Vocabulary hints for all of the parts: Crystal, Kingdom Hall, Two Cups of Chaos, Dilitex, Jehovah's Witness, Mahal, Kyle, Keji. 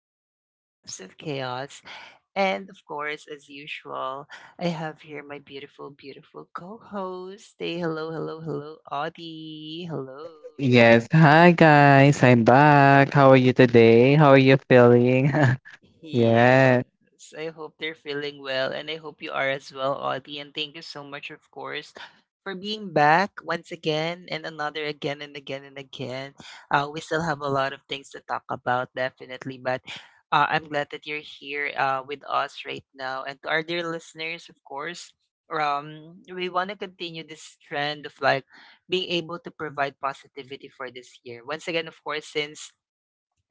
is Two Cups of Chaos. And of course, as usual, I have here my beautiful, beautiful co host. Say hello, hello, hello, Audie. Hello. Yes. Hi guys, I'm back. How are you today? How are you feeling? Yes. Yes, I hope they're feeling well, and I hope you are as well, Audie. And thank you so much, of course, for being back once again and another again and again and again. We still have a lot of things to talk about, definitely, but I'm glad that you're here with us right now. And to our dear listeners, of course, we want to continue this trend of like being able to provide positivity for this year. Once again, of course, since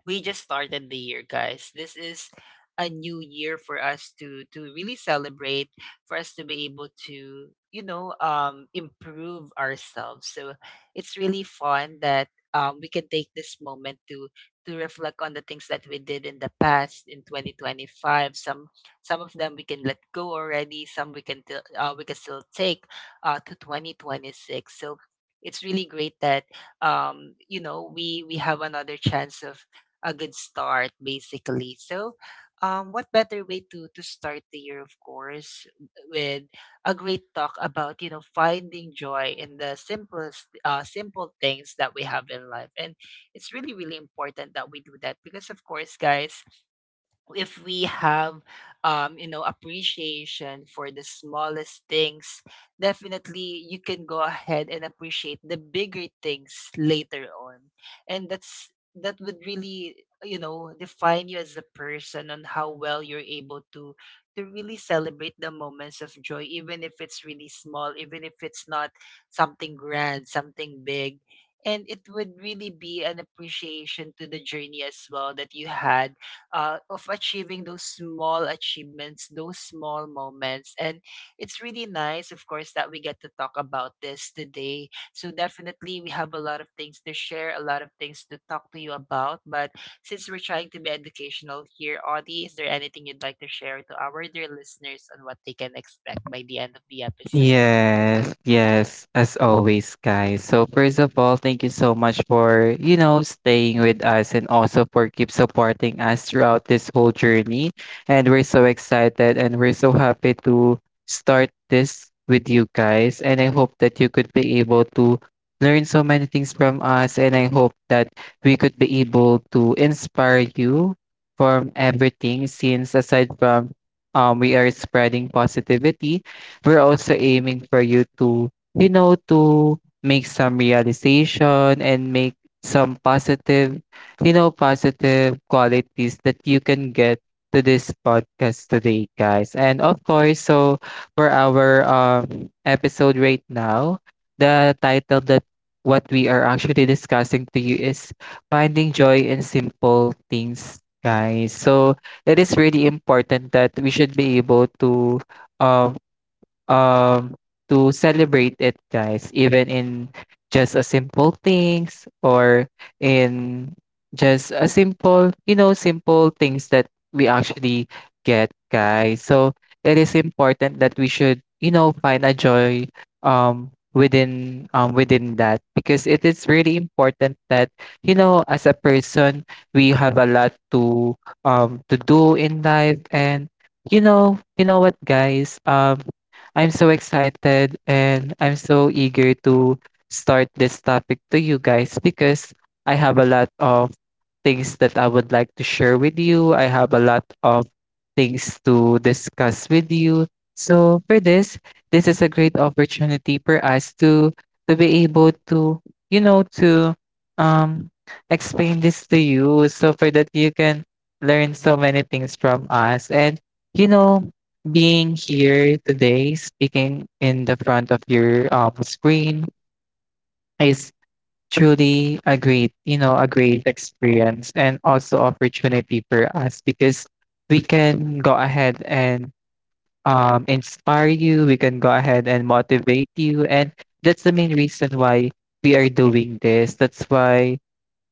we just started the year, guys, this is a new year for us to really celebrate, for us to be able to, you know, improve ourselves. So it's really fun that we can take this moment to reflect on the things that we did in the past in 2025. Some some of them we can let go already, some we can we can still take to 2026. So it's really great that, you know, we have another chance of a good start, basically. So, what better way to start the year, of course, with a great talk about, you know, finding joy in the simplest simple things that we have in life. And it's really, really important that we do that because, of course, guys, if we have, you know, appreciation for the smallest things, definitely you can go ahead and appreciate the bigger things later on. And that's, that would really, you know, define you as a person, on how well you're able to really celebrate the moments of joy, even if it's really small, even if it's not something grand, something big. And it would really be an appreciation to the journey as well that you had of achieving those small achievements, those small moments. And it's really nice, of course, that we get to talk about this today. So definitely we have a lot of things to share, a lot of things to talk to you about. But since we're trying to be educational here, Audie, is there anything you'd like to share to our dear listeners on what they can expect by the end of the episode? Yes, yes, as always, guys. So first of all, thank you so much for, staying with us and also for keep supporting us throughout this whole journey. And we're so excited and we're so happy to start this with you guys. And I hope that you could be able to learn so many things from us. And I hope that we could be able to inspire you from everything since aside from we are spreading positivity, we're also aiming for you to, to make some realization and make some positive qualities that you can get to this podcast today, guys. And of course, so for our episode right now, the title that what we are actually discussing to you is finding joy in simple things, guys. So it is really important that we should be able um um to celebrate it, guys, even in just a simple things or in just a simple you know simple things that we actually get, guys. So it is important that we should, find a joy within that, because it is really important that, as a person we have a lot to do in life. And you know what, guys, I'm so excited and I'm so eager to start this topic to you guys because I have a lot of things that I would like to share with you. I have a lot of things to discuss with you. So for this, this is a great opportunity for us to be able to, to um explain this to you so for that you can learn so many things from us. And, you know, being here today, speaking in the front of your screen is truly a great, a great experience and also opportunity for us, because we can go ahead and inspire you, we can go ahead and motivate you. And that's the main reason why we are doing this. That's why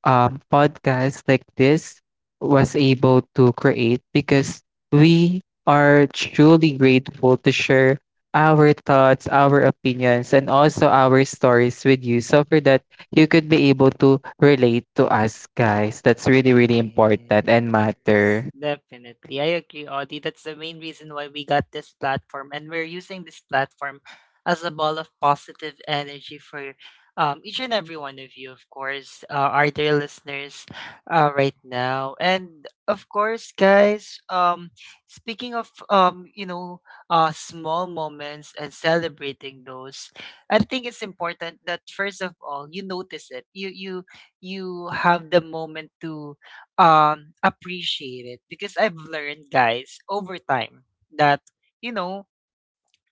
podcasts like this was able to create, because we are truly grateful to share our thoughts, our opinions, and also our stories with you. So for that, you could be able to relate to us, guys. That's really, really important and Yes, matter. definitely. I agree, Audie. That's the main reason why we got this platform, and we're using this platform as a ball of positive energy for, each and every one of you, of course, our dear listeners, right now. And of course, guys, speaking of, you know, small moments and celebrating those, I think it's important that, first of all, you notice it. You you have the moment to appreciate it, because I've learned, guys, over time that, you know,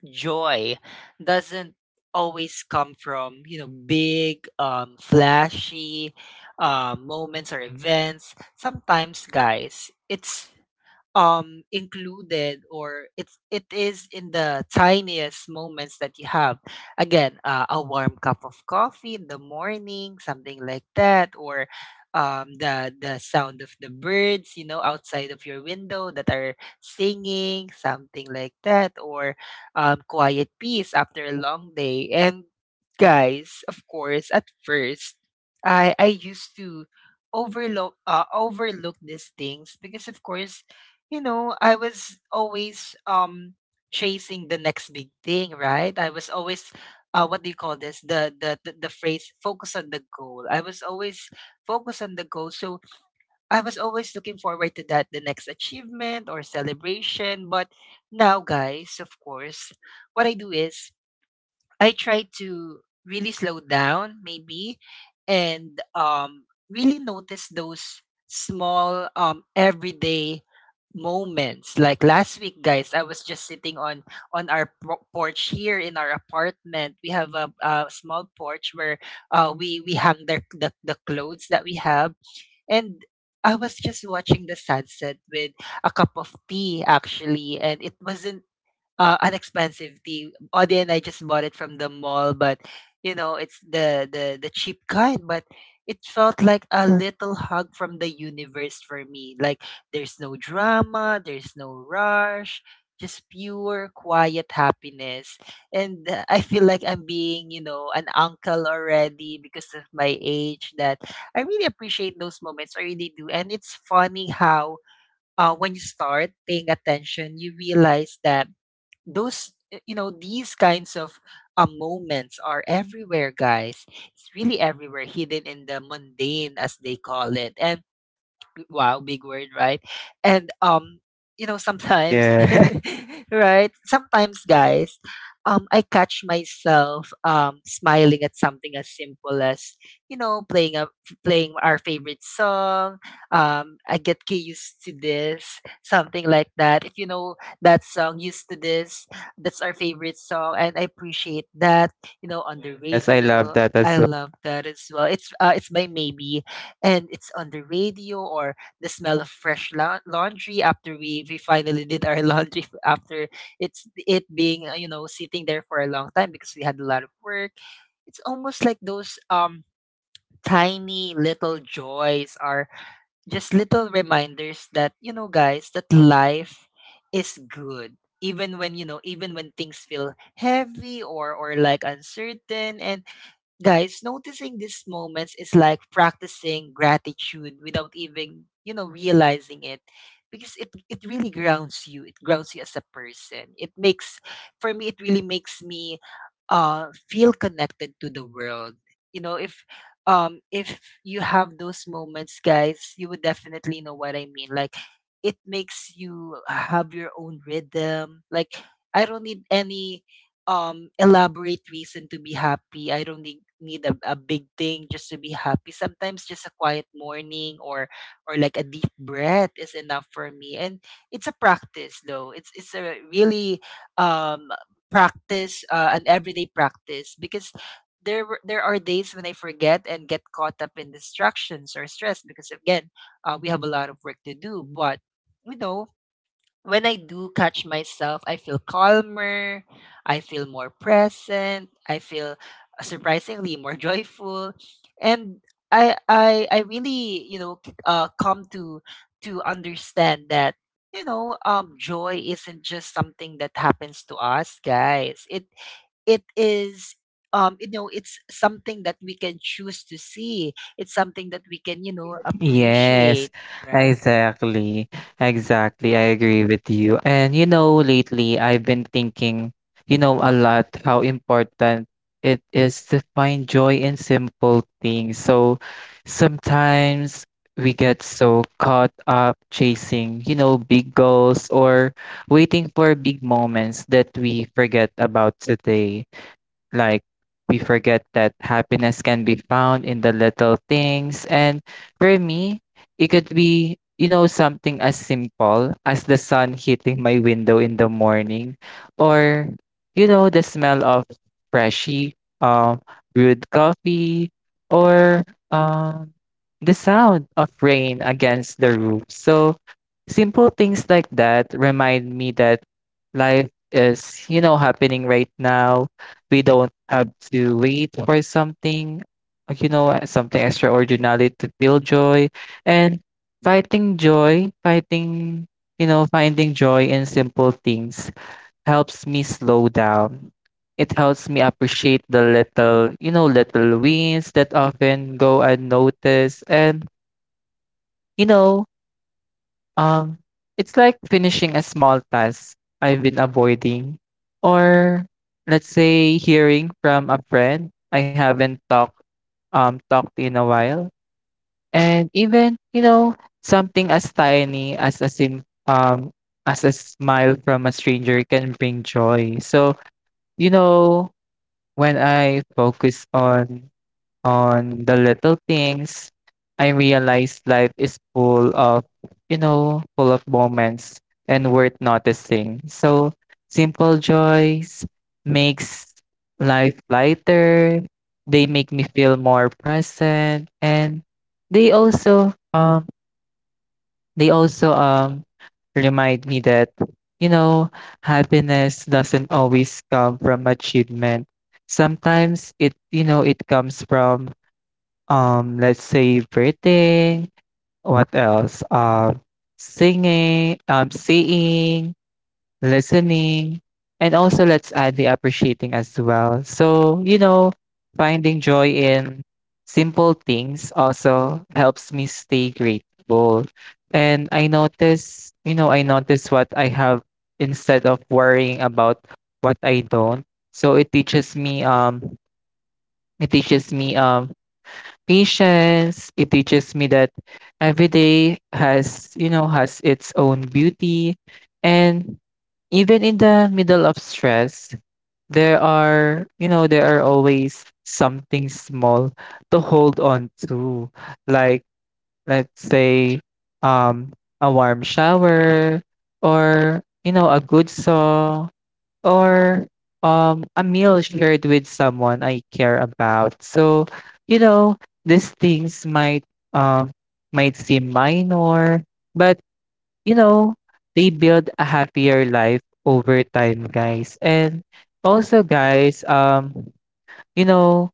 joy doesn't always come from, you know, big, flashy moments or events. Sometimes, guys, it's included, or it's, it is in the tiniest moments that you have. Again, a warm cup of coffee in the morning, something like that, or the sound of the birds, you know, outside of your window that are singing, something like that, or quiet peace after a long day. And guys, of course, at first, I used to overlook, overlook these things because, of course, you know, I was always chasing the next big thing, right? I was always, what do you call this? The phrase, focus on the goal. I was always focused on the goal. So I was always looking forward to that, the next achievement or celebration. But now, guys, of course, what I do is I try to really slow down, maybe, and really notice those small, everyday moments. Like last week, guys, I was just sitting on our porch here in our apartment. We have a small porch where we hang the, the clothes that we have, and I was just watching the sunset with a cup of tea, actually, and it wasn't an expensive tea. Audie and I just bought it from the mall, but you know, it's the, the cheap kind, but it felt like a little hug from the universe for me. Like there's no drama, there's no rush, just pure quiet happiness. And I feel like I'm being, you know, an uncle already because of my age, that I really appreciate those moments. I really do. And it's funny how, when you start paying attention, you realize that those, you know, these kinds of moments are everywhere, guys. It's really everywhere, hidden in the mundane, as they call it. And wow, big word, right? And you know, sometimes Yeah. right, sometimes, guys, I catch myself smiling at something as simple as, you know, playing a playing our favorite song. I get key used to this, something like that. If you know that song, used to this, that's our favorite song, and I appreciate that, you know, on the Yes. I radio. love that I as love that as well. It's it's by Maybe, and it's on the radio, or the smell of fresh laundry after we finally did our laundry after it's it being, you know, sitting there for a long time because we had a lot of work. It's almost like those tiny little joys are just little reminders that, you know, guys, that life is good, even when, you know, even when things feel heavy or like uncertain. And guys, noticing these moments is like practicing gratitude without even, you know, realizing it, because it really grounds you. It grounds you as a person. It makes, for me it really makes me feel connected to the world. You know, if you have those moments, guys, you would definitely know what I mean. Like it makes you have your own rhythm. Like I don't need any elaborate reason to be happy. I don't need a big thing just to be happy. Sometimes just a quiet morning or like a deep breath is enough for me. And it's a practice though. It's a really um, practice, an everyday practice, because there are days when I forget and get caught up in distractions or stress, because again, we have a lot of work to do. But you know, when I do catch myself, I feel calmer, I feel more present, I feel surprisingly more joyful, and I really, you know, come to understand that, you know, joy isn't just something that happens to us, guys. It is, you know, it's something that we can choose to see, it's something that we can, you know, yes, Yes, appreciate, right? exactly. Exactly. I agree with you. And, lately I've been thinking, a lot how important it is to find joy in simple things. So sometimes we get so caught up chasing, big goals or waiting for big moments that we forget about today. Like, we forget that happiness can be found in the little things. And for me, it could be, something as simple as the sun hitting my window in the morning, or, the smell of freshly um, brewed coffee, or um, the sound of rain against the roof. So, simple things like that remind me that life is, happening right now. We don't have to wait for something, something extraordinary to feel joy. And fighting joy, fighting, you know, finding joy in simple things helps me slow down. It helps me appreciate the little wins that often go unnoticed. And, you know, um, it's like finishing a small task I've been avoiding, or let's say hearing from a friend I haven't talked to in a while, and even, something as tiny as a sim as a smile from a stranger can bring joy. So, you know when I focus on the little things, I realized life is full of, full of moments and worth noticing. So simple joys makes life lighter. They make me feel more present, and they also um they also remind me that, you know happiness doesn't always come from achievement. Sometimes it you know it comes from, let's say, breathing. What else? Singing, seeing, listening, and also let's add the appreciating as well. So, finding joy in simple things also helps me stay grateful. And I notice what I have instead of worrying about what I don't. So it teaches me it teaches me, um, patience. It teaches me that every day has its own beauty. And even in the middle of stress, there are always something small to hold on to. Like, let's say, um, a warm shower, or, a good song, or a meal shared with someone I care about. So, you know, these things um might seem minor, but, you know, they build a happier life over time, guys. And also, guys, you know,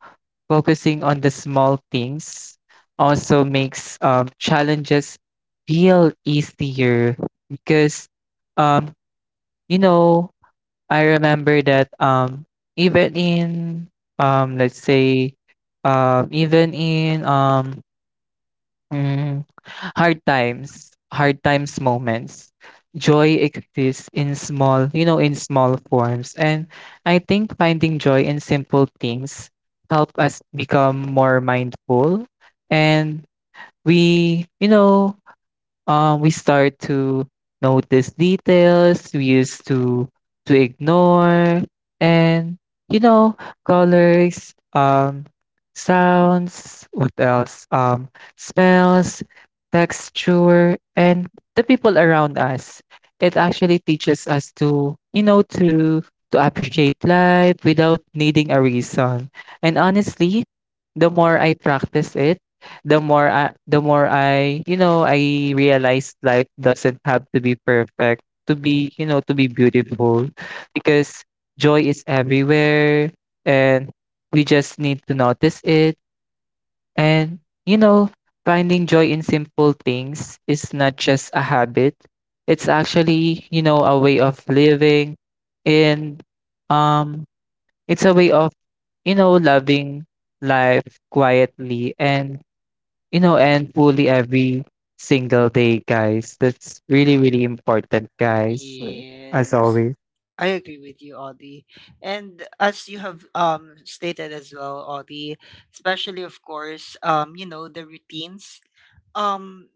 focusing on the small things also makes challenges feel easier, because um you know I remember that even in um let's say even in mm, hard times moments, joy exists in small forms. And I think finding joy in simple things help us become more mindful, and we, you know, we start to notice details we used to ignore, and, you know, colors, sounds, what else? Smells, texture, and the people around us. It actually teaches us to, you know, to appreciate life without needing a reason. And honestly, the more I practice it, the more I realized life doesn't have to be perfect to be, to be beautiful, because joy is everywhere and we just need to notice it. And, you know, finding joy in simple things is not just a habit. It's actually, a way of living, and um it's a way of, loving life quietly, and and fully, every single day, guys. That's really, really important, guys, as Yes, always. I agree with you, Audie. And as you have stated as well, Audie, especially of course, you know, the routines. Um,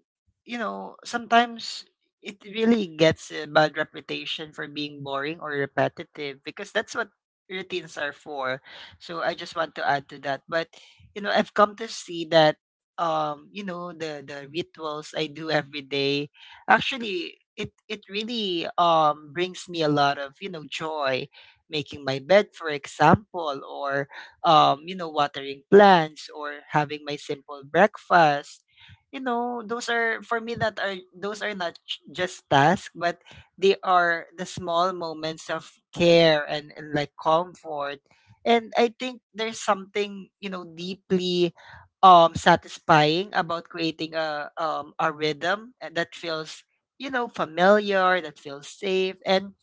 you know, sometimes it really gets a bad reputation for being boring or repetitive, because that's what routines are for. So I just want to add to that. But you know, I've come to see that, you know, the rituals I do every day, actually, it really brings me a lot of, you know, joy. Making my bed, for example, or you know, watering plants, or having my simple breakfast. You know, those are, for me, that are, those are not just tasks, but they are the small moments of care and like comfort. And I think there's something, you know, deeply satisfying about creating a rhythm, and that feels, you know, familiar, that feels safe. And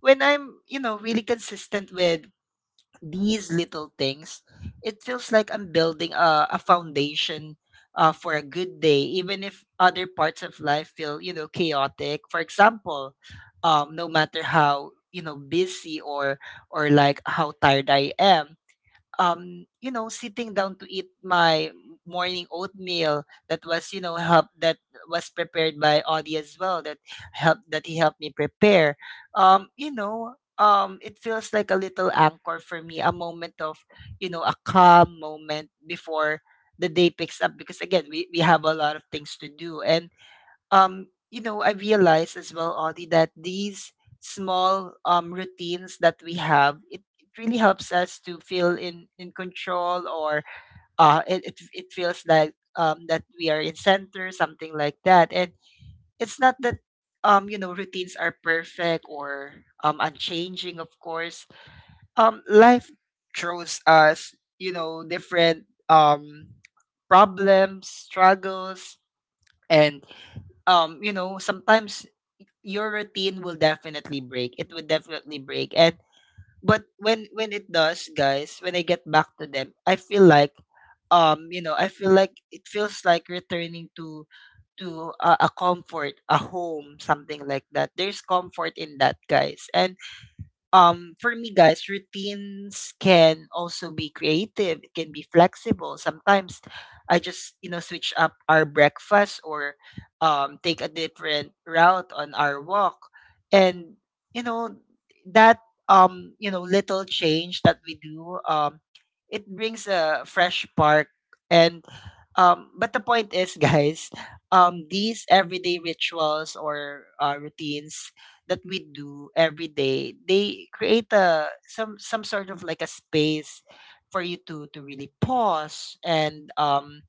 when I'm, you know, really consistent with these little things, it feels like I'm building a foundation for a good day, even if other parts of life feel, you know, chaotic. For example, no matter how, you know, busy or like how tired I am, you know, sitting down to eat my morning oatmeal that was, you know, help that was prepared by Audie as well, that help that he helped me prepare. You know, it feels like a little anchor for me, a moment of, you know, a calm moment before the day picks up, because again we have a lot of things to do. And you know, I realized as well, Audie, that these small, routines that we have, it really helps us to feel in control, or it feels like, that we are in center, something like that. And it's not that, routines are perfect or unchanging, of course. Life throws us, different problems, struggles, and sometimes your routine will definitely break. It would definitely break. And but when it does, guys, when I get back to them, I feel like I feel like it feels like returning to to a comfort, a home, something like that. There's comfort in that, guys. And for me, guys, routines can also be creative. It can be flexible sometimes. I just, you know, switch up our breakfast or take a different route on our walk. And you know that you know little change that we do, it brings a fresh spark. And but the point is, guys, these everyday rituals or routines that we do every day, they create a some sort of like a space for you to really pause and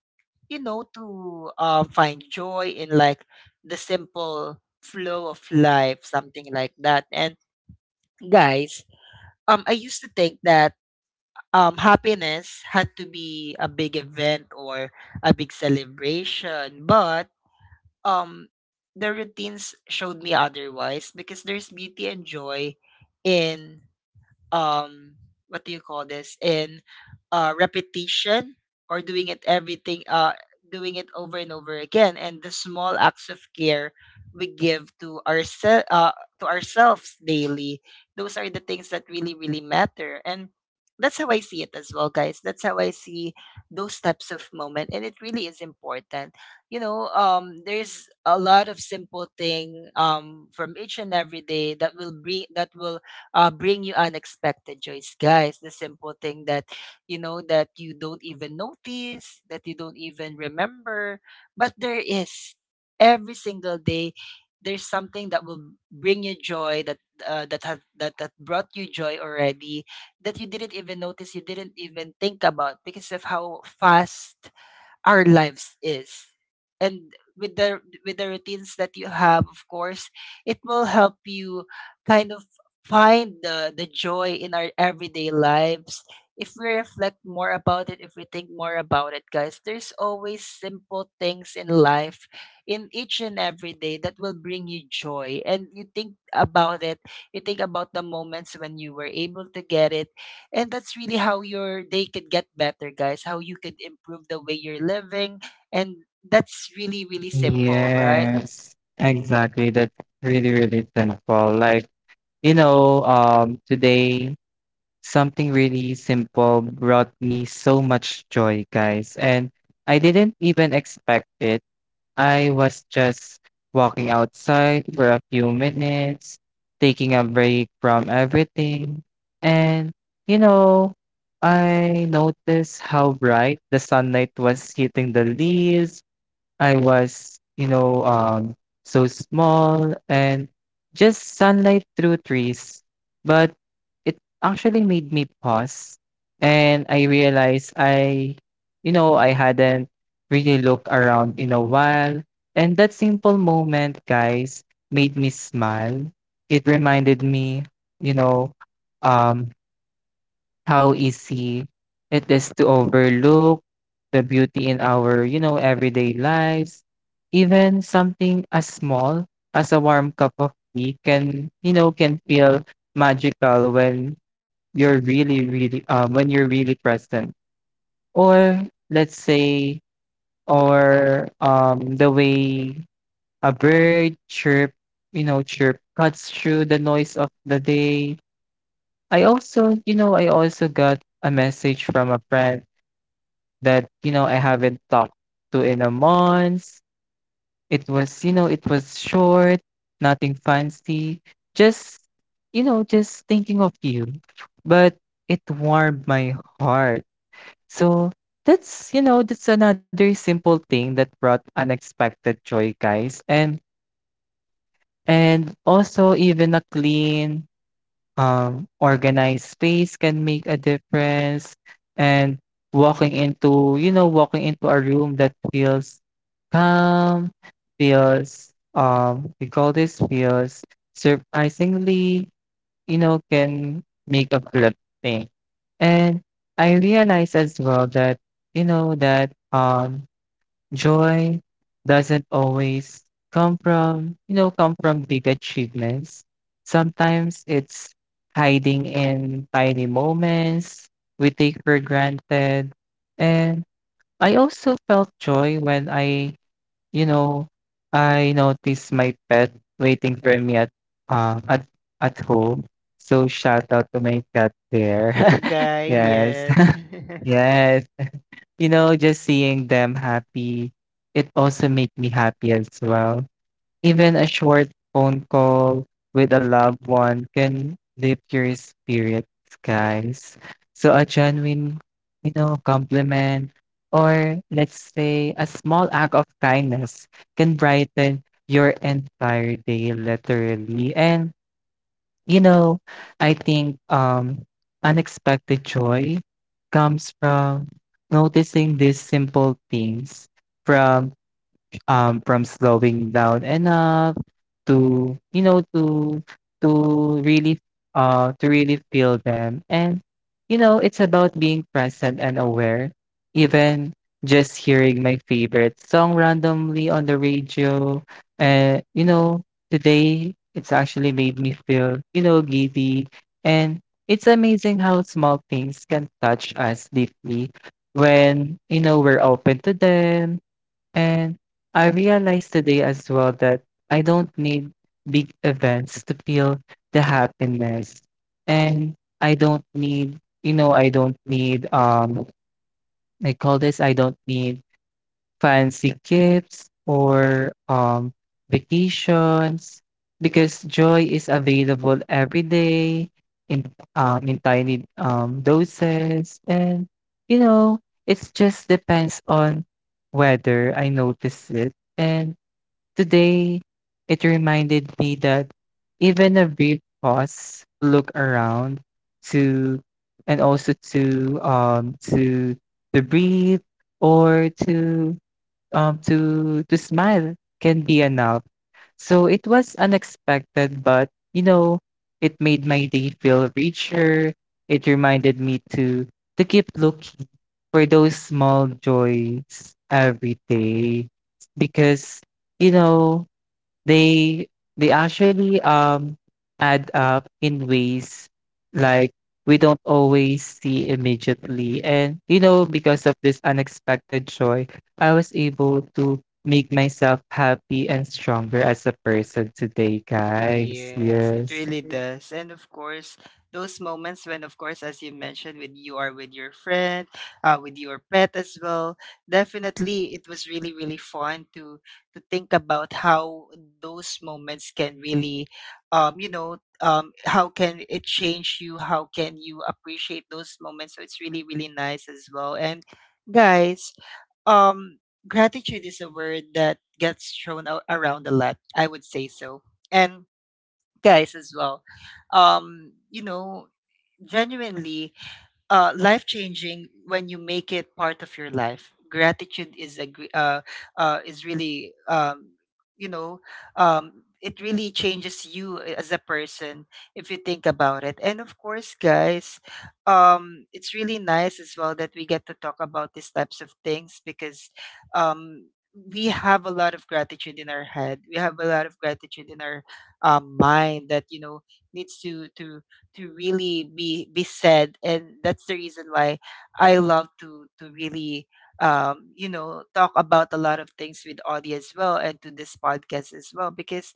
you know, to find joy in like the simple flow of life, something like that. And guys, I used to think that happiness had to be a big event or a big celebration, but um the routines showed me otherwise, because there's beauty and joy in um what do you call this, in repetition or doing it everything, doing it over and over again, and the small acts of care we give to ourselves, to ourselves daily. Those are the things that really really matter. And that's how I see it as well, guys. That's how I see those types of moment, and it really is important. You know, there's a lot of simple thing from each and every day that will bring, that will bring you unexpected joys, guys. The simple thing that, you know, that you don't even notice, that you don't even remember, but there is every single day. There's something that will bring you joy that that have that, that brought you joy already, that you didn't even notice, you didn't even think about, because of how fast our lives is. And with the routines that you have, of course, it will help you kind of find the joy in our everyday lives. If we reflect more about it, if we think more about it, guys, there's always simple things in life in each and every day that will bring you joy. And you think about it, you think about the moments when you were able to get it. And that's really how your day could get better, guys, how you could improve the way you're living. And that's really, really simple, right? Yes, exactly. That's really, really simple. Like, today something really simple brought me so much joy, guys, and I didn't even expect it. I was just walking outside for a few minutes, taking a break from everything. And, you know, I noticed how bright the sunlight was hitting the leaves. I was, so small and just sunlight through trees. But it actually made me pause and I realized I hadn't really looked around in a while. And that simple moment, guys, made me smile. It reminded me, you know, um, how easy it is to overlook the beauty in our, everyday lives. Even something as small as a warm cup of tea can feel magical when you're really, really, when you're really present. Or let's say, or the way a bird chirp cuts through the noise of the day. I also got a message from a friend that, I haven't talked to in a month. It was short, nothing fancy, just, just thinking of you. But it warmed my heart. So that's another simple thing that brought unexpected joy, guys. And also, even a clean, organized space can make a difference, and walking into a room that feels calm, feels, feels surprisingly, can make a flip thing. And I realize as well that you know, that, um joy doesn't always come from big achievements. Sometimes it's hiding in tiny moments we take for granted. And I also felt joy when I you know I noticed my pet waiting for me uh, at at home. So shout out to my pet there. Mingay, Yes. yes. Yes. Just seeing them happy, it also make me happy as well. Even a short phone call with a loved one can lift your spirits, guys. So a genuine, compliment, or let's say a small act of kindness, can brighten your entire day, literally. And, you know, I think, unexpected joy comes from noticing these simple things, from from slowing down enough to you know to to really to really feel them. And, it's about being present and aware, even just hearing my favorite song randomly on the radio. And, today it's actually made me feel, giddy. And it's amazing how small things can touch us deeply when, we're open to them. And I realized today as well that I don't need big events to feel the happiness. And I don't need, you know, I don't need I call this I don't need fancy gifts or vacations because joy is available every day in in tiny doses. And you know It just depends on whether I notice it. And today it reminded me that even a brief pause to look around, to and also to um to to breathe, or to smile can be enough. So it was unexpected, but you know, it made my day feel richer. It reminded me to keep looking for those small joys every day because you know they they actually add up in ways like we don't always see immediately. And you know, because of this unexpected joy, I was able to make myself happy and stronger as a person today, guys. Yes, it Yes. really does. And of course, those moments when, of course, as you mentioned, when you are with your friend, with your pet as well, definitely it was really, really fun to think about how those moments can really, you know, how can it change you? How can you appreciate those moments? So it's really, really nice as well. And guys, um, gratitude is a word that gets thrown out around a lot, I would say so. And guys as well, you know, genuinely, life changing when you make it part of your life. Gratitude is is really, you know, it really changes you as a person if you think about it. And of course, guys, it's really nice as well that we get to talk about these types of things, because Um, we have a lot of gratitude in our head. We have a lot of gratitude in our mind that, you know, needs to really be said. And that's the reason why I love to really, you know, talk about a lot of things with Audie as well, and to this podcast as well, because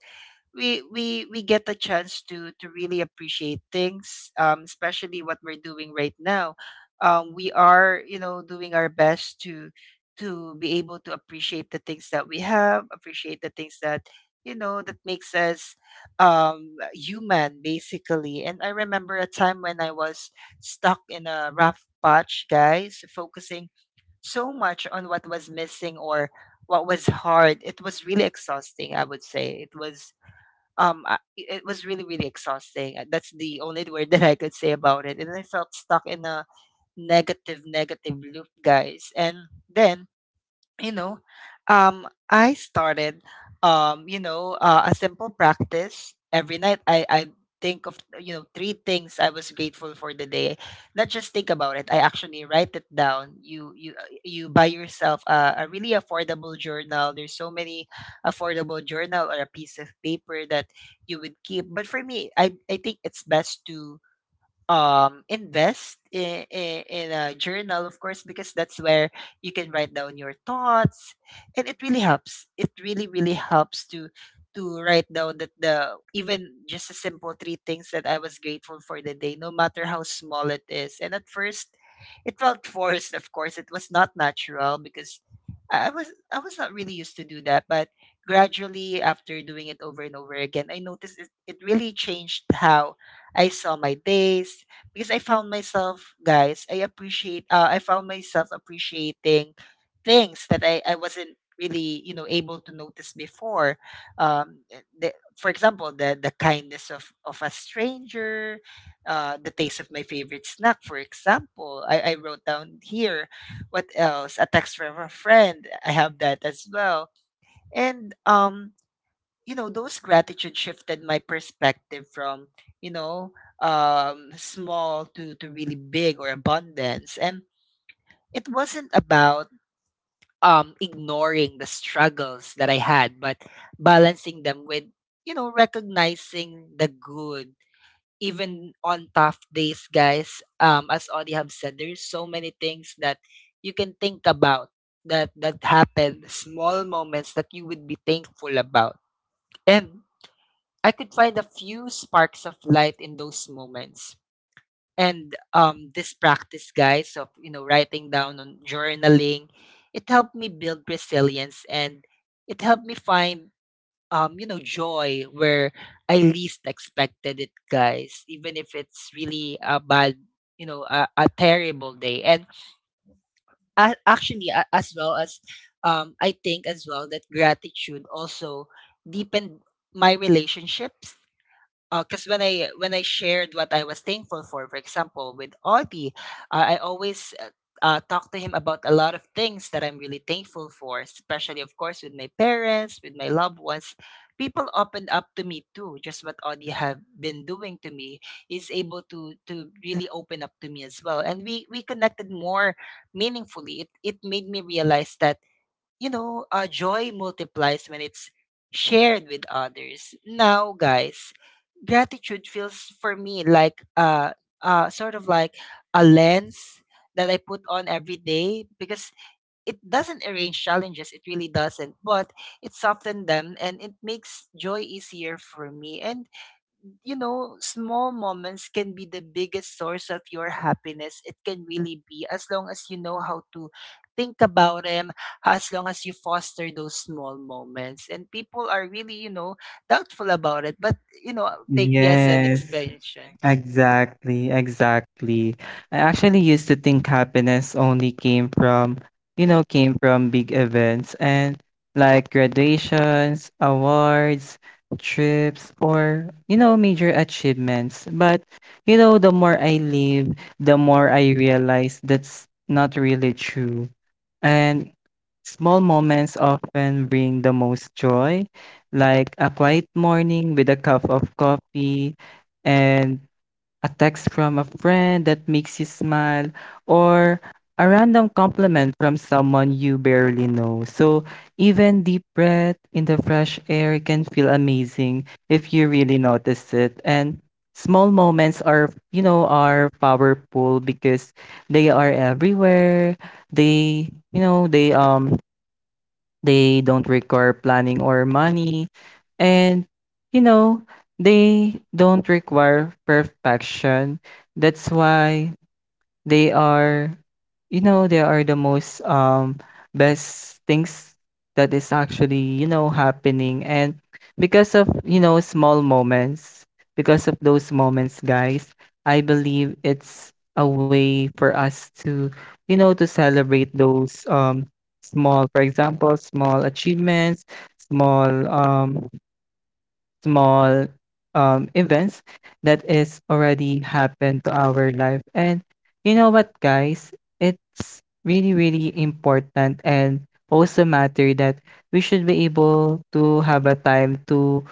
we get a chance to really appreciate things, especially what we're doing right now. We are, you know, doing our best to be able to appreciate the things that we have, appreciate the things that, you know, that makes us human basically. And I remember a time when I was stuck in a rough patch, guys, focusing so much on what was missing or what was hard. It was really exhausting, I would say. It was it was really really exhausting. That's the only word that I could say about it, and I felt stuck in a negative loop, guys. And then, you know, I started, you know, a simple practice every night. I think of, you know, three things I was grateful for the day. Not just think about it, I actually write it down. You buy yourself a really affordable journal. There's so many affordable journal or a piece of paper that you would keep. But for me, I think it's best to invest in, in a journal, of course, because that's where you can write down your thoughts. And it really helps, it really really helps to write down that the even just a simple three things that I was grateful for the day, no matter how small it is. And at first it felt forced, of course. It was not natural, because I was not really used to do that. But gradually, after doing it over and over again, I noticed it, it really changed how I saw my days, because I found myself, guys, I appreciate, I found myself appreciating things that I wasn't really, you know, able to notice before. For example, the kindness of a stranger, the taste of my favorite snack, for example. I wrote down here, what else? A text from a friend, I have that as well. And, you know, those gratitude shifted my perspective from, you know, small to really big or abundance. And it wasn't about ignoring the struggles that I had, but balancing them with, you know, recognizing the good even on tough days, guys. As Audie have said, there's so many things that you can think about, that that happened, small moments that you would be thankful about. And I could find a few sparks of light in those moments. And this practice, guys, of, you know, writing down on journaling, it helped me build resilience, and it helped me find you know, joy where I least expected it, guys. Even if it's really a bad, you know, a terrible day. And a actually, as well as I think as well that gratitude also deepened my relationships, because when I shared what I was thankful for example, with Audie, I always talk to him about a lot of things that I'm really thankful for, especially, of course, with my parents, with my loved ones. People opened up to me too. Just what Audie have been doing to me, is able to really open up to me as well, and we connected more meaningfully. It made me realize that, you know, joy multiplies when it's shared with others. Now, guys, gratitude feels for me like, sort of like a lens that I put on every day, because it doesn't arrange challenges, it really doesn't, but it softens them, and it makes joy easier for me. And you know, small moments can be the biggest source of your happiness. It can really be, as long as you know how to think about them, as long as you foster those small moments. And people are really, you know, doubtful about it. But, you know, take me as an Yes. expansion. Exactly, exactly, I actually used to think happiness only came from big events and like graduations, awards, trips, or, you know, major achievements. But, you know, the more I live, the more I realize that's not really true. And small moments often bring the most joy, like a quiet morning with a cup of coffee and a text from a friend that makes you smile, or a random compliment from someone you barely know. So, even deep breath in the fresh air can feel amazing if you really notice it. And small moments are, you know, are powerful because they are everywhere. They, you know, they They don't require planning or money. And, you know, they don't require perfection. That's why they are, you know, they are the most, best things that is actually, you know, happening, and because of, you know, small moments, because of those moments, guys, I believe it's a way for us to, you know, to celebrate those, small, for example, small achievements, small, um small events that is already happened to our life. And you know what, guys? It's really, really important and also matter that we should be able to have a time to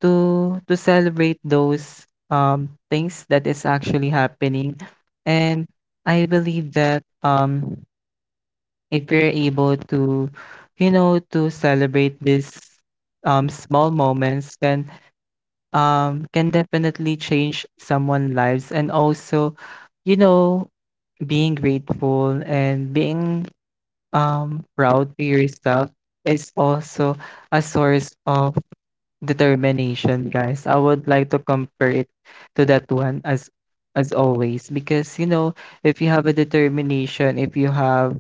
to celebrate those things that is actually happening. And I believe that if we're able to, you know, to celebrate these small moments can definitely change someone's lives. And also, you know, being grateful and being proud to yourself is also a source of determination, guys. I would like to compare it to that one as always, because you know if you have a determination,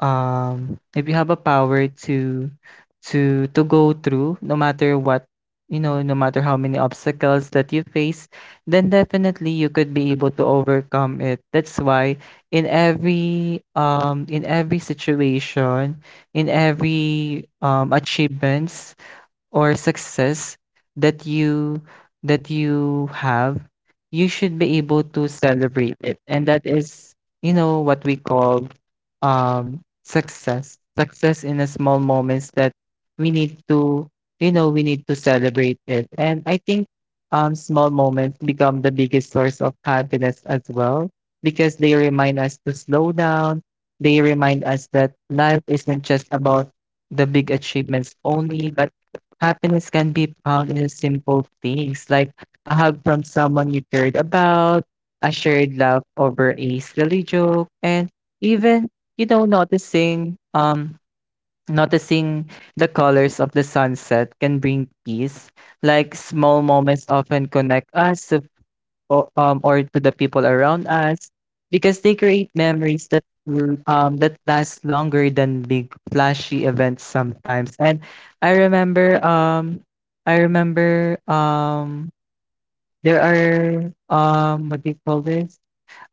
if you have a power to to go through no matter what, you know, no matter how many obstacles that you face, then definitely you could be able to overcome it. That's why in every situation, in every achievements or success that you have, you should be able to celebrate it. And that is, you know, what we call success, success in the small moments that we need to, you know, we need to celebrate it. And I think small moments become the biggest source of happiness as well because they remind us to slow down, they remind us that life isn't just about the big achievements only. But happiness can be found in simple things like a hug from someone you cared about, a shared laugh over a silly joke, and even, you know, noticing the colors of the sunset can bring peace. Like small moments often connect us or to the people around us because they create memories that will, that last longer than big flashy events sometimes. And I remember um I remember there are what do you call this?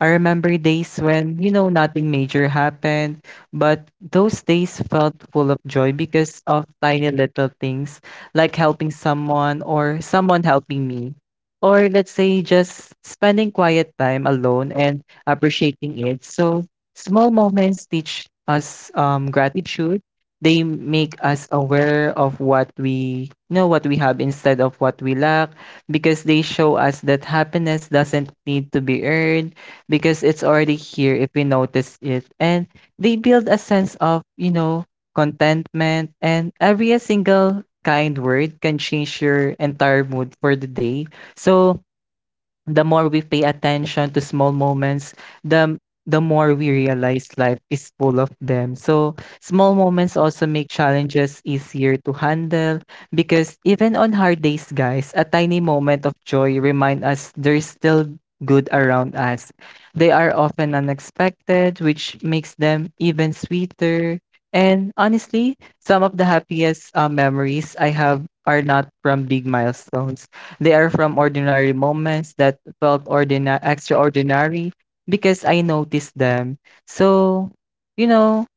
I remember days when, you know, nothing major happened, but those days felt full of joy because of tiny little things like helping someone or someone helping me. Or let's say just spending quiet time alone and appreciating it. So small moments teach us gratitude. They make us aware of what we have instead of what we lack because they show us that happiness doesn't need to be earned because it's already here if we notice it. And they build a sense of, you know, contentment, and every single kind word can change your entire mood for the day. So the more we pay attention to small moments, the the more we realize life is full of them. So, small moments also make challenges easier to handle because even on hard days, guys, a tiny moment of joy remind us there's still good around us. They are often unexpected, which makes them even sweeter. And honestly, some of the happiest memories I have are not from big milestones. They are from ordinary moments that felt ordinary, extraordinary because I noticed them. So, you know,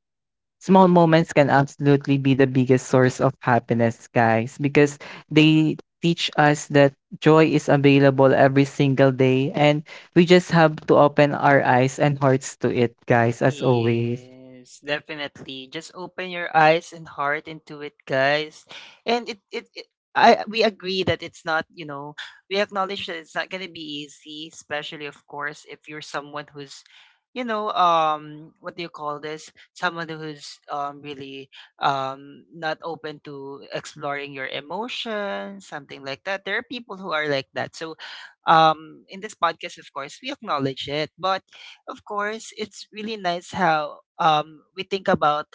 small moments can absolutely be the biggest source of happiness, guys, because they teach us that joy is available every single day and we just have to open our eyes and hearts to it, guys, as always. Yes, definitely. Just open your eyes and heart into it, guys. And it I we agree that it's not, you know, we acknowledge that it's not gonna be easy, especially of course if you're someone who's, you know, what do you call this? Someone who's really not open to exploring your emotions, something like that. There are people who are like that. So, in this podcast, of course, we acknowledge it. But of course, it's really nice how, we think about,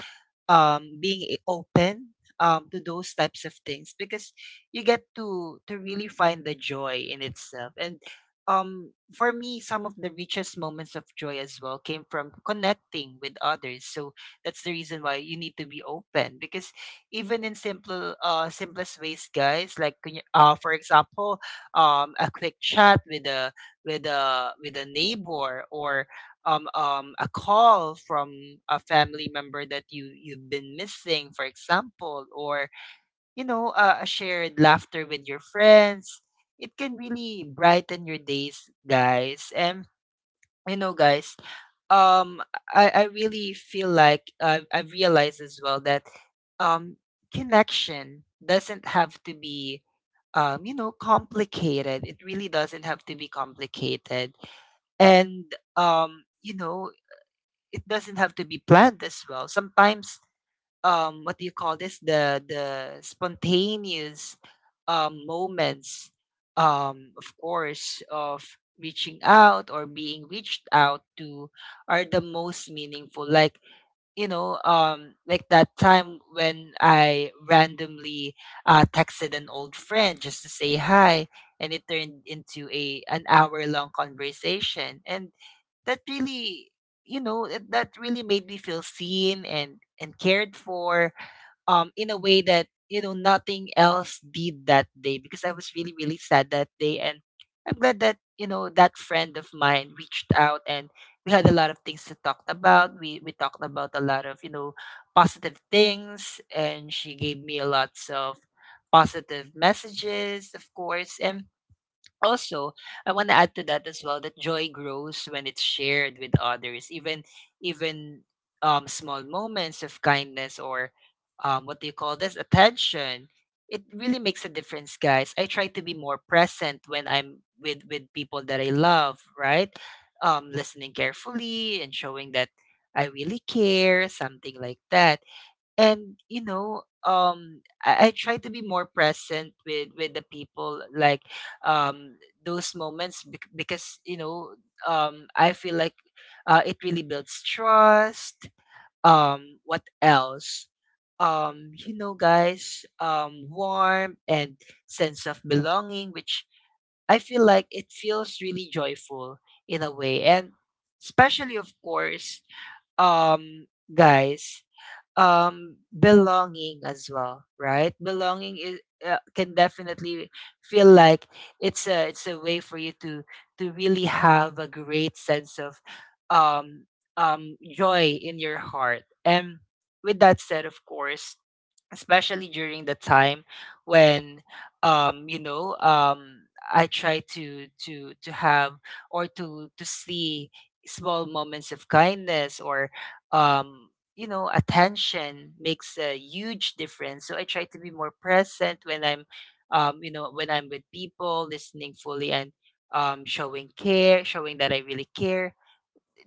being open, to those types of things, because you get to really find the joy in itself. And for me, some of the richest moments of joy as well came from connecting with others. So that's the reason why you need to be open because even in simple, simplest ways, guys, for example, a quick chat with a with a neighbor, or a call from a family member that you've been missing, for example, or a shared laughter with your friends. It can really brighten your days, guys. You know, guys, um, I really feel like I've realized as well that um, connection doesn't have to be complicated. It really doesn't have to be complicated. And um, you know, it doesn't have to be planned as well. Sometimes, what do you call this? the spontaneous moments, of course, of reaching out or being reached out to are the most meaningful. Like that time when I randomly texted an old friend just to say hi, and it turned into a an hour long conversation, and that really that really made me feel seen and cared for in a way that nothing else did that day, because I was really really sad that day, and I'm glad that that friend of mine reached out, and we had a lot of things to talk about. We talked about a lot of, you know, positive things, and she gave me a lots of positive messages, of course. And also, I want to add to that as well that joy grows when it's shared with others. Even even small moments of kindness or what do you call this attention. It really makes a difference, guys. I try to be more present when I'm with people that I love, right? Listening carefully and showing that I really care, something like that. And I try to be more present with the people, like um those moments because I feel like it really builds trust. What else you know Guys, warm and sense of belonging, which I feel like it feels really joyful in a way. And especially, of course, um guys, belonging as well, right? Belonging is can definitely feel like it's a way for you to really have a great sense of um, joy in your heart. And with that said, of course, especially during the time when um you know um I try to have or to see small moments of kindness or um attention makes a huge difference. So I try to be more present when I'm, when I'm with people, listening fully and showing care, showing that I really care.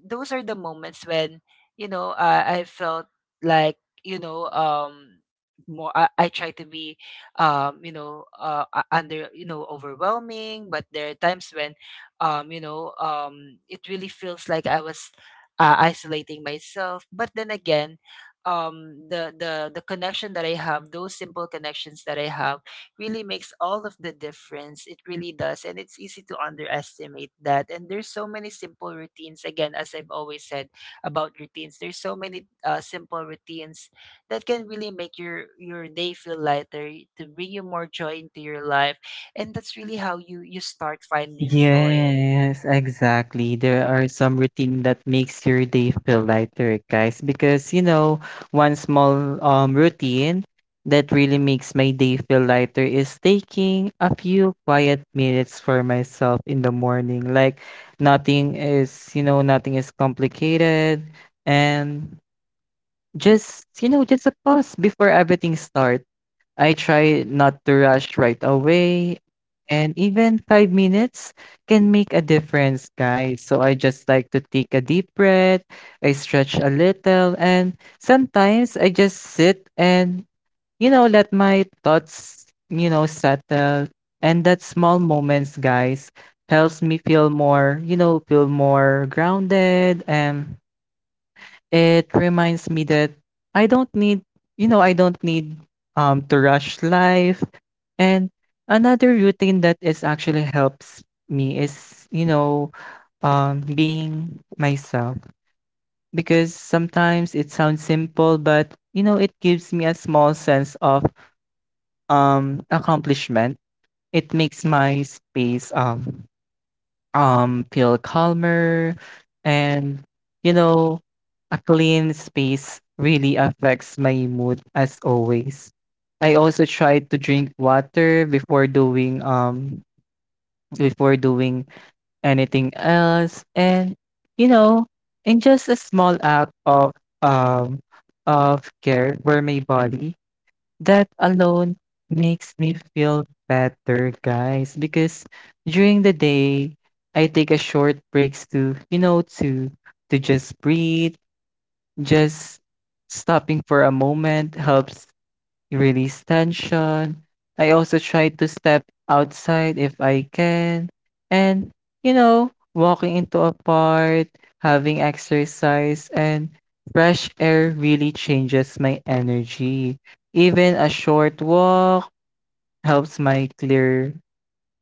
Those are the moments when I felt like you know um more. I try to be you know under you know overwhelming, but there are times when it really feels like I was, isolating myself. But then again, the connection that I have, those simple connections that I have, really makes all of the difference. It really does. And it's easy to underestimate that. And there's so many simple routines. Again, as I've always said about routines, there's so many simple routines that can really make your day feel lighter, to bring you more joy into your life. And that's really how you, you start finding joy. Yes, exactly. There are some routine that makes your day feel lighter, guys, because you know, one small routine that really makes my day feel lighter is taking a few quiet minutes for myself in the morning. Like nothing is, you know, nothing is complicated, and just, you know, just a pause before everything starts. I try not to rush right away, and even 5 minutes can make a difference, guys. So I just like to take a deep breath, I stretch a little, and sometimes I just sit and, you know, let my thoughts, you know, settle. And that small moments, guys, helps me feel more, you know, feel more grounded. And it reminds me that I don't need, you know, I don't need to rush life. And another routine that is actually helps me is, you know, being myself, because sometimes it sounds simple but you know it gives me a small sense of accomplishment. It makes my space feel calmer, and you know, a clean space really affects my mood as always. I also try to drink water before doing anything else. And you know, in just a small act um of care for my body, that alone makes me feel better, guys. Because during the day, I take a short breaks to, you know, to just breathe. Just stopping for a moment helps release tension. I also try to step outside if I can. And, you know, walking into a park, having exercise, and fresh air really changes my energy. Even a short walk helps my clear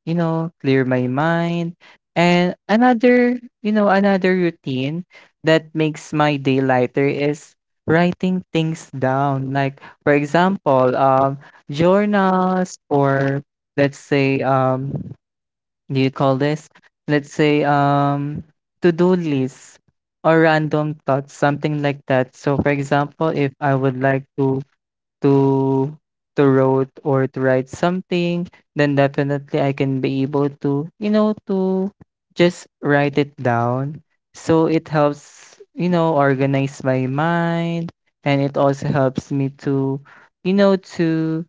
you know, clear my mind. And another, you know, another routine that makes my day lighter is writing things down. Like, for example, journals, or let's say, do you call this? Let's say, to-do lists or random thoughts, something like that. So, for example, if I would like to to to wrote or to write something, then definitely I can be able to, you know, to just write it down. So it helps, you know, organize my mind, and it also helps me to, you know,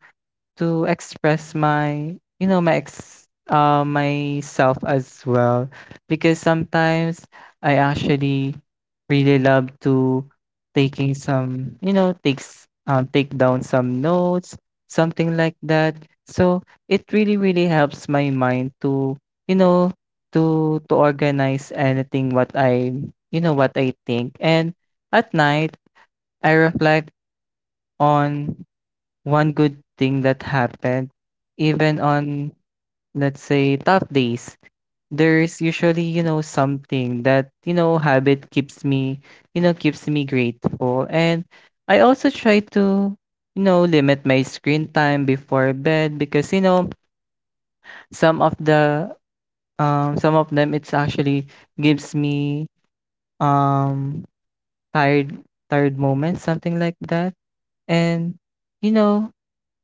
to express my you know my ex myself as well, because sometimes I actually really love to taking some, you know, take down some notes, something like that. So it really really helps my mind to, you know, to organize anything what I think. And at night I reflect on one good thing that happened, even on, let's say, tough days, there's usually, you know, something that, you know, habit keeps me, you know, keeps me grateful. And I also try to, you know, limit my screen time before bed, because, you know, some of the, some of them, it's actually gives me, um, tired, tired moments, something like that. And, you know,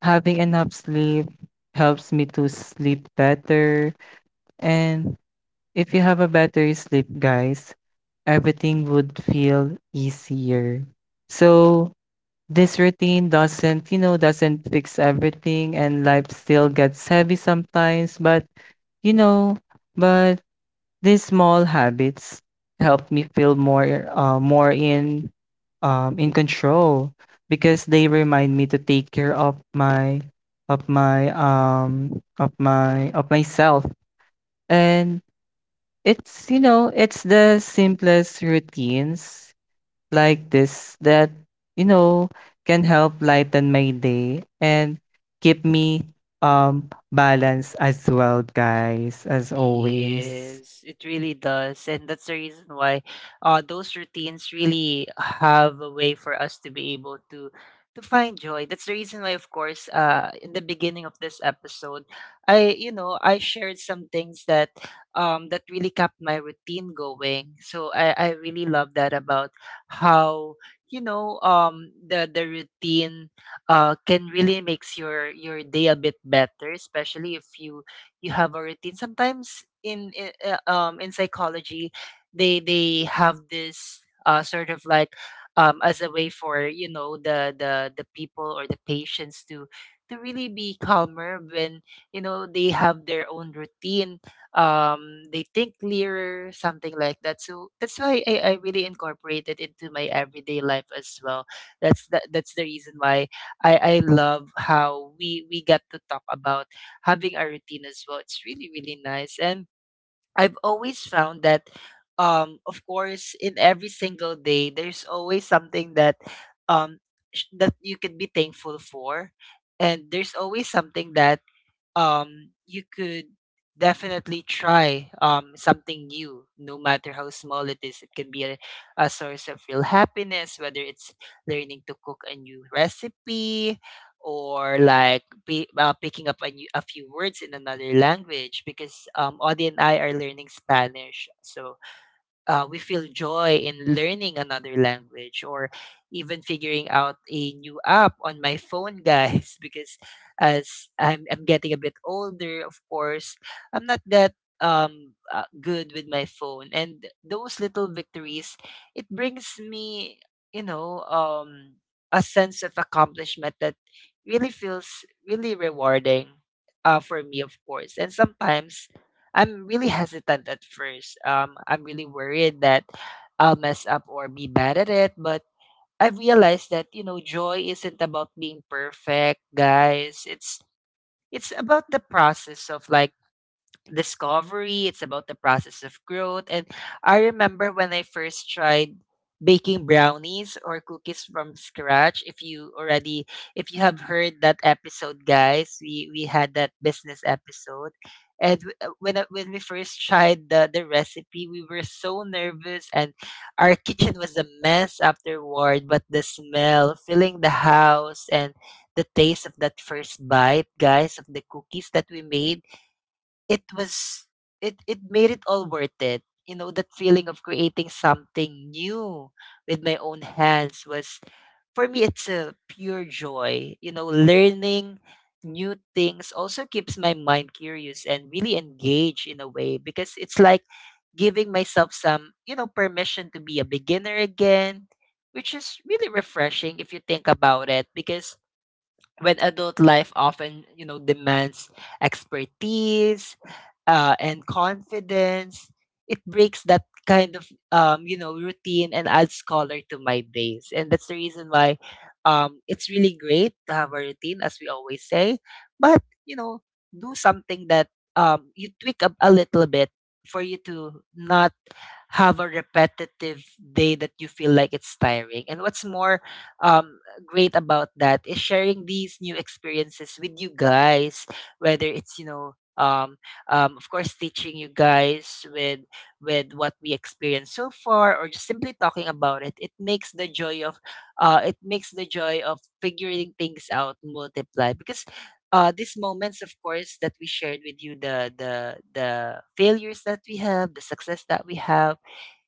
having enough sleep helps me to sleep better. And if you have a better sleep, guys, everything would feel easier. So this routine doesn't, you know, doesn't fix everything, and life still gets heavy sometimes, but you know, but these small habits help me feel more more in control, because they remind me to take care of my of my of my of myself. And it's you know it's the simplest routines like this that, you know, can help lighten my day and keep me balanced as well, guys, as Mm. always. Yes, it really does. And that's the reason why those routines really have a way for us to be able to find joy. That's the reason why, of course, in the beginning of this episode I, you know, I shared some things that that really kept my routine going. So I really love that about how, the routine can really makes your day a bit better, especially if you, you have a routine. Sometimes in in psychology, they have this sort of like as a way for, you know, the the people or the patients to really be calmer when, you know, they have their own routine. They think clearer, something like that. So that's why I really incorporate it into my everyday life as well. That's the, that's the reason why I love how we get to talk about having a routine as well. It's really, really nice. And I've always found that, of course, in every single day, there's always something that, um, that you can be thankful for, and there's always something that you could definitely try something new, no matter how small it is. It can be a source of real happiness, whether it's learning to cook a new recipe, or picking up a, new, a few words in another language, because Audie and I are learning Spanish. So we feel joy in learning another language, or even figuring out a new app on my phone, guys. Because as I'm getting a bit older, of course, I'm not that good with my phone. And those little victories, it brings me, you know um a sense of accomplishment that really feels really rewarding, for me, of course. And sometimes I'm really hesitant at first. I'm really worried that I'll mess up or be bad at it. But I've realized that, you know, joy isn't about being perfect, guys. It's about the process of, like, discovery. It's about the process of growth. And I remember when I first tried baking brownies or cookies from scratch. If you already, if you have heard that episode, guys, we had that business episode. And when when we first tried the recipe, we were so nervous, and our kitchen was a mess afterward. But the smell, filling the house, and the taste of that first bite, guys, of the cookies that we made, it was, it made it all worth it. You know, that feeling of creating something new with my own hands was, for me, it's a pure joy. You know, learning new things also keeps my mind curious and really engaged, in a way, because it's like giving myself some, you know, permission to be a beginner again, which is really refreshing if you think about it. Because when adult life often, you know, demands expertise and confidence, it breaks that kind of, you know, routine, and adds color to my days. And that's the reason why it's really great to have a routine, as we always say. But, you know, do something that you tweak up a little bit, for you to not have a repetitive day that you feel like it's tiring. And what's more um, great about that is sharing these new experiences with you guys, whether it's, you know, of course, teaching you guys with what we experienced so far, or just simply talking about it. It makes the joy of, it makes the joy of figuring things out multiply, because these moments, of course, that we shared with you, the failures that we have, the success that we have,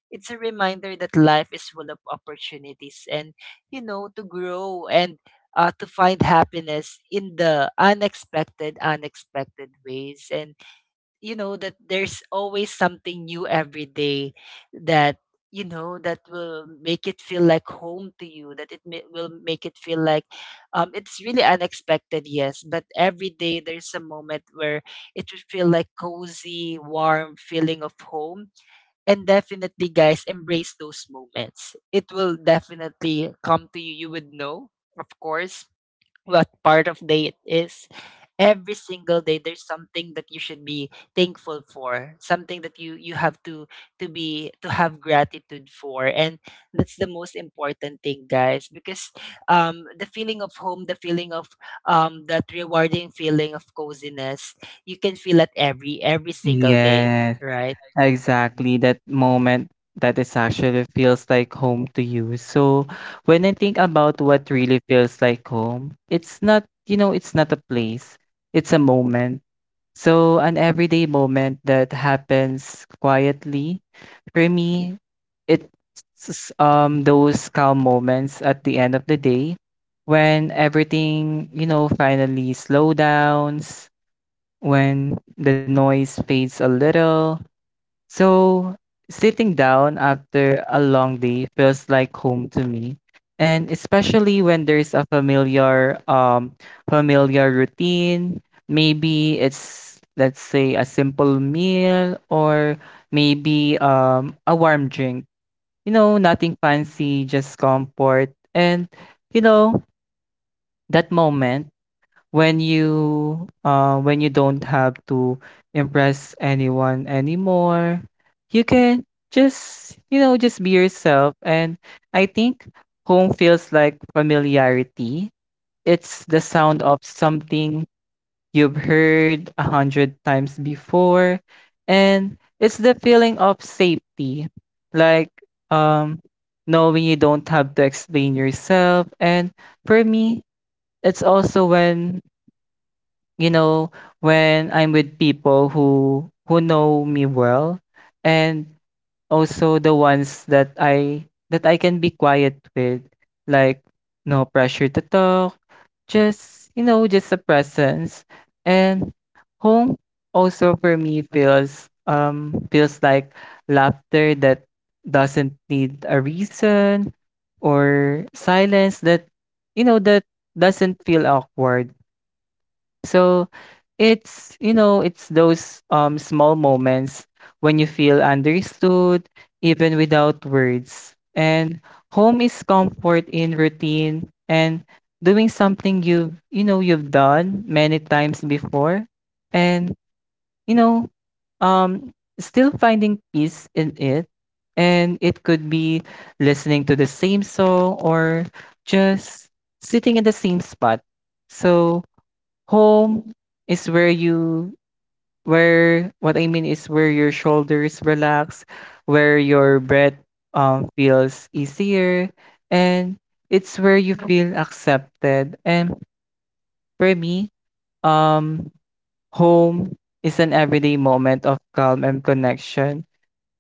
it's a reminder that life is full of opportunities, and, you know, to grow, and to find happiness in the unexpected ways, and, you know, that there's always something new every day, that, you know, that will make it feel like home to you, that will make it feel like, it's really unexpected, yes, but every day there's a moment where it would feel like cozy warm feeling of home. And definitely, guys, embrace those moments. It will definitely come to you. You would know, of course, what part of day it is. Every single day, there's something that you should be thankful for, something that you have to be to have gratitude for, and that's the most important thing, guys. Because the feeling of home, the feeling of that rewarding feeling of coziness, you can feel it every single day, Yes. right? Exactly, that moment that is actually feels like home to you. So when I think about what really feels like home, it's not, you know, it's not a place. It's a moment. So an everyday moment that happens quietly. For me, it's those calm moments at the end of the day when everything, you know, finally slow downs, when the noise fades a little. So, sitting down after a long day feels like home to me. And especially when there's a familiar routine, maybe it's let's say a simple meal, or maybe a warm drink. You know, nothing fancy, just comfort. And you know, that moment when you don't have to impress anyone anymore. You can just, you know, just be yourself. And I think home feels like familiarity. It's the sound of something you've heard a hundred times before, and it's the feeling of safety, like, um knowing you don't have to explain yourself. And for me, it's also when, you know, when I'm with people who know me well, and also the ones that I can be quiet with, like no pressure to talk, just, you know, just a presence. And home also for me feels like laughter that doesn't need a reason, or silence that, you know that doesn't feel awkward. So it's, you know it's those small moments when you feel understood, even without words. And home is comfort in routine, and doing something you've you know you've done many times before. And, you know um still finding peace in it. And it could be listening to the same song, or just sitting in the same spot. So home is where you where what I mean is, where your shoulders relax, where your breath feels easier, and it's where you feel accepted. And for me, um home is an everyday moment of calm and connection.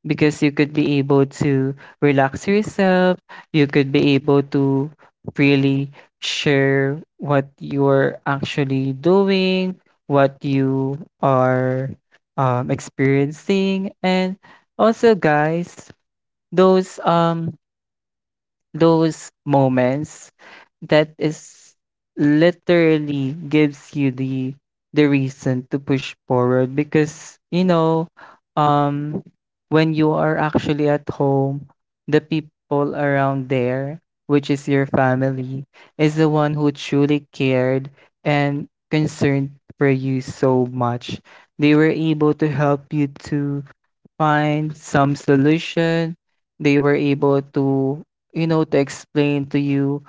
Because you could be able to relax yourself, you could be able to freely share what you're actually doing, what you are, experiencing. And also, guys, those um those moments that is literally gives you the reason to push forward. Because you know, um when you are actually at home, the people around there, which is your family, is the one who truly cared and concerned for you so much. They were able to help you to find some solution. They were able to, you know, to explain to you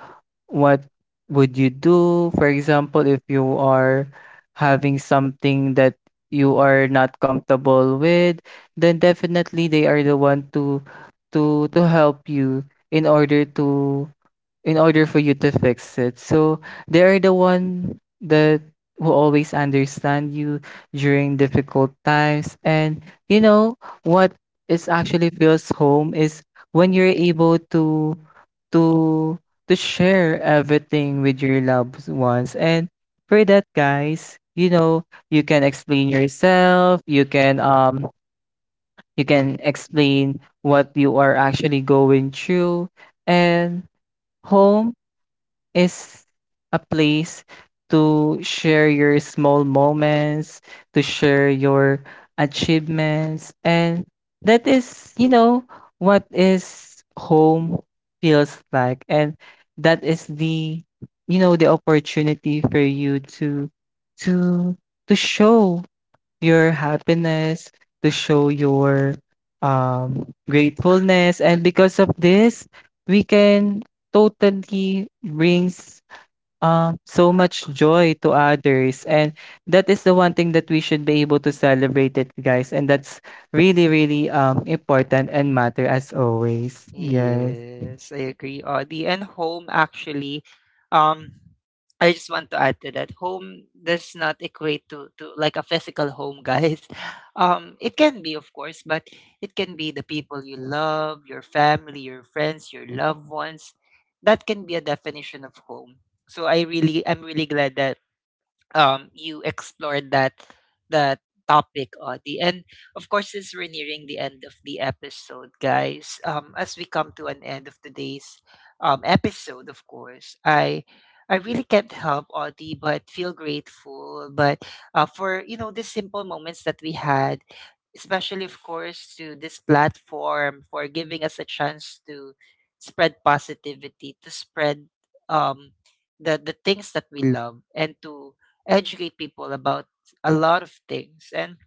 what would you do. For example, if you are having something that you are not comfortable with, then definitely they are the one to help you, in order to, in order for you to fix it. So they are the one that will always understand you during difficult times. And you know what is actually feels home is when you're able to to to share everything with your loved ones. And for that, guys, you know, you can explain yourself, you can, you can explain what you are actually going through. And home is a place to share your small moments, to share your achievements. And that is, you know, what is home feels like. And that is the, you know, the opportunity for you to to show your happiness, to show your gratefulness. And because of this, we can totally brings, so much joy to others. And that is the one thing that we should be able to celebrate it, guys. And that's really, really, important and matter as always. Yes. Yes, I agree, Audie. And home actually, um, I just want to add to that. Home does not equate to like a physical home, guys. It can be, of course, but it can be the people you love, your family, your friends, your loved ones. That can be a definition of home. So I really, I'm really glad that you explored that that topic, Audie. And of course, since we're nearing the end of the episode, guys, as we come to an end of today's episode, of course, I really can't help, Audie, but feel grateful, but for, you know, the simple moments that we had. Especially, of course, to this platform for giving us a chance to spread positivity, to spread um, the things that we love, and to educate people about a lot of things. And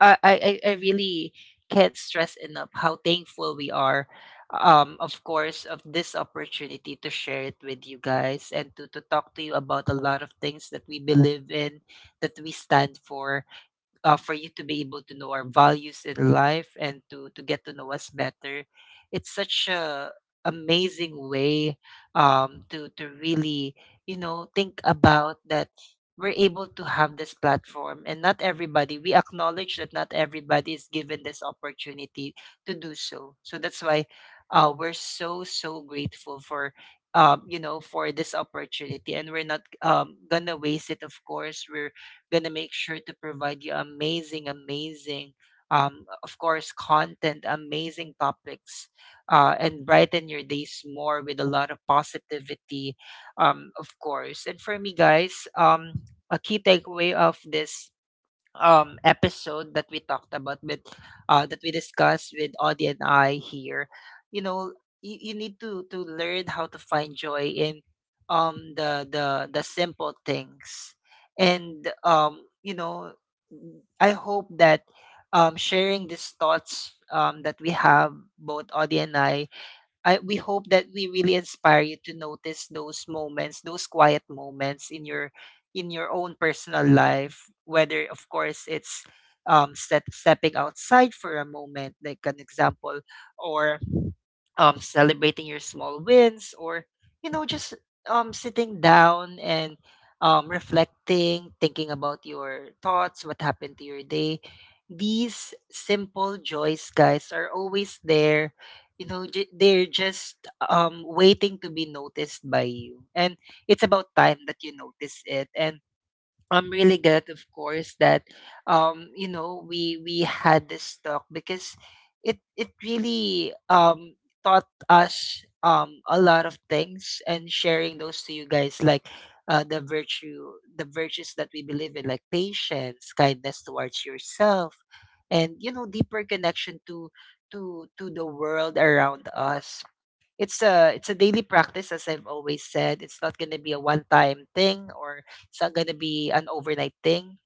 I really can't stress enough how thankful we are, of course, of this opportunity to share it with you guys and to talk to you about a lot of things that we believe in, that we stand for you to be able to know our values in life and to get to know us better. It's such a amazing way to really think about that we're able to have this platform, and not everybody, we acknowledge that not everybody is given this opportunity to do so. So that's why we're so grateful for, for this opportunity. And we're not gonna waste it. Of course we're gonna make sure to provide you amazing, amazing, of course, content, amazing topics, and brighten your days more with a lot of positivity, of course. And for me, guys, a key takeaway of this episode that we talked about with that we discussed with Audie and I here, you know, you need to learn how to find joy in the simple things. And I hope that sharing these thoughts that we have, both Audie and I, we hope that we really inspire you to notice those moments, those quiet moments in your, in your own personal life. Whether, of course, it's stepping outside for a moment, like an example, or celebrating your small wins, or just sitting down and reflecting, thinking about your thoughts, what happened to your day. These simple joys, guys, are always there. They're just waiting to be noticed by you, and it's about time that you notice it. And I'm really glad, of course, that we had this talk, because it really taught us a lot of things. And sharing those to you guys, like the virtues that we believe in, like patience, kindness towards yourself, and deeper connection to to the world around us. It's a daily practice, as I've always said. It's not gonna be a one time thing, or it's not gonna be an overnight thing.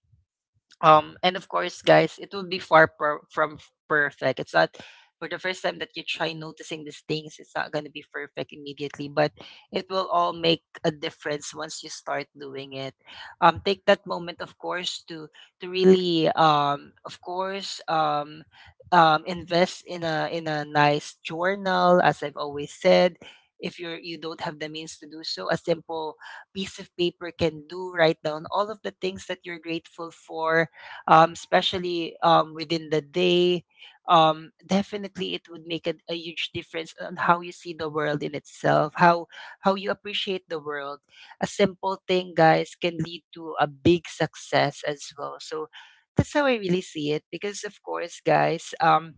And of course, guys, it will be from perfect. It's not, for the first time that you try noticing these things, it's not going to be perfect immediately, but it will all make a difference once you start doing it. Take that moment, of course, to really, invest in a, in a nice journal, as I've always said. If you're, you don't have the means to do so, a simple piece of paper can do. Write down all of the things that you're grateful for, especially within the day. Definitely, it would make a huge difference on how you see the world in itself, how you appreciate the world. A simple thing, guys, can lead to a big success as well. So that's how I really see it. Because of course, guys,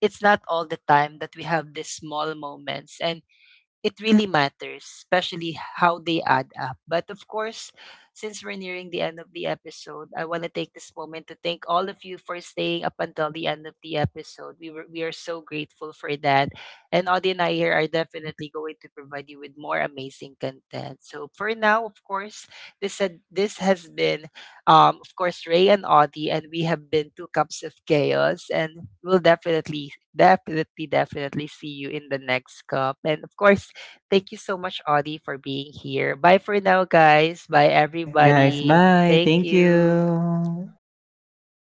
it's not all the time that we have these small moments, and it really matters, especially how they add up. But of course, since we're nearing the end of the episode, I want to take this moment to thank all of you for staying up until the end of the episode. We are so grateful for that. And Audie and I here are definitely going to provide you with more amazing content. So for now, of course, this has been of course Ray and Audie, and we have been Two Cups of Chaos, and we'll definitely, definitely, definitely see you in the next cup. And of course, thank you so much, Audie, for being here. Bye for now, guys. Bye, Yes, guys. everybody. Bye. Thank Thank you. you. Bye.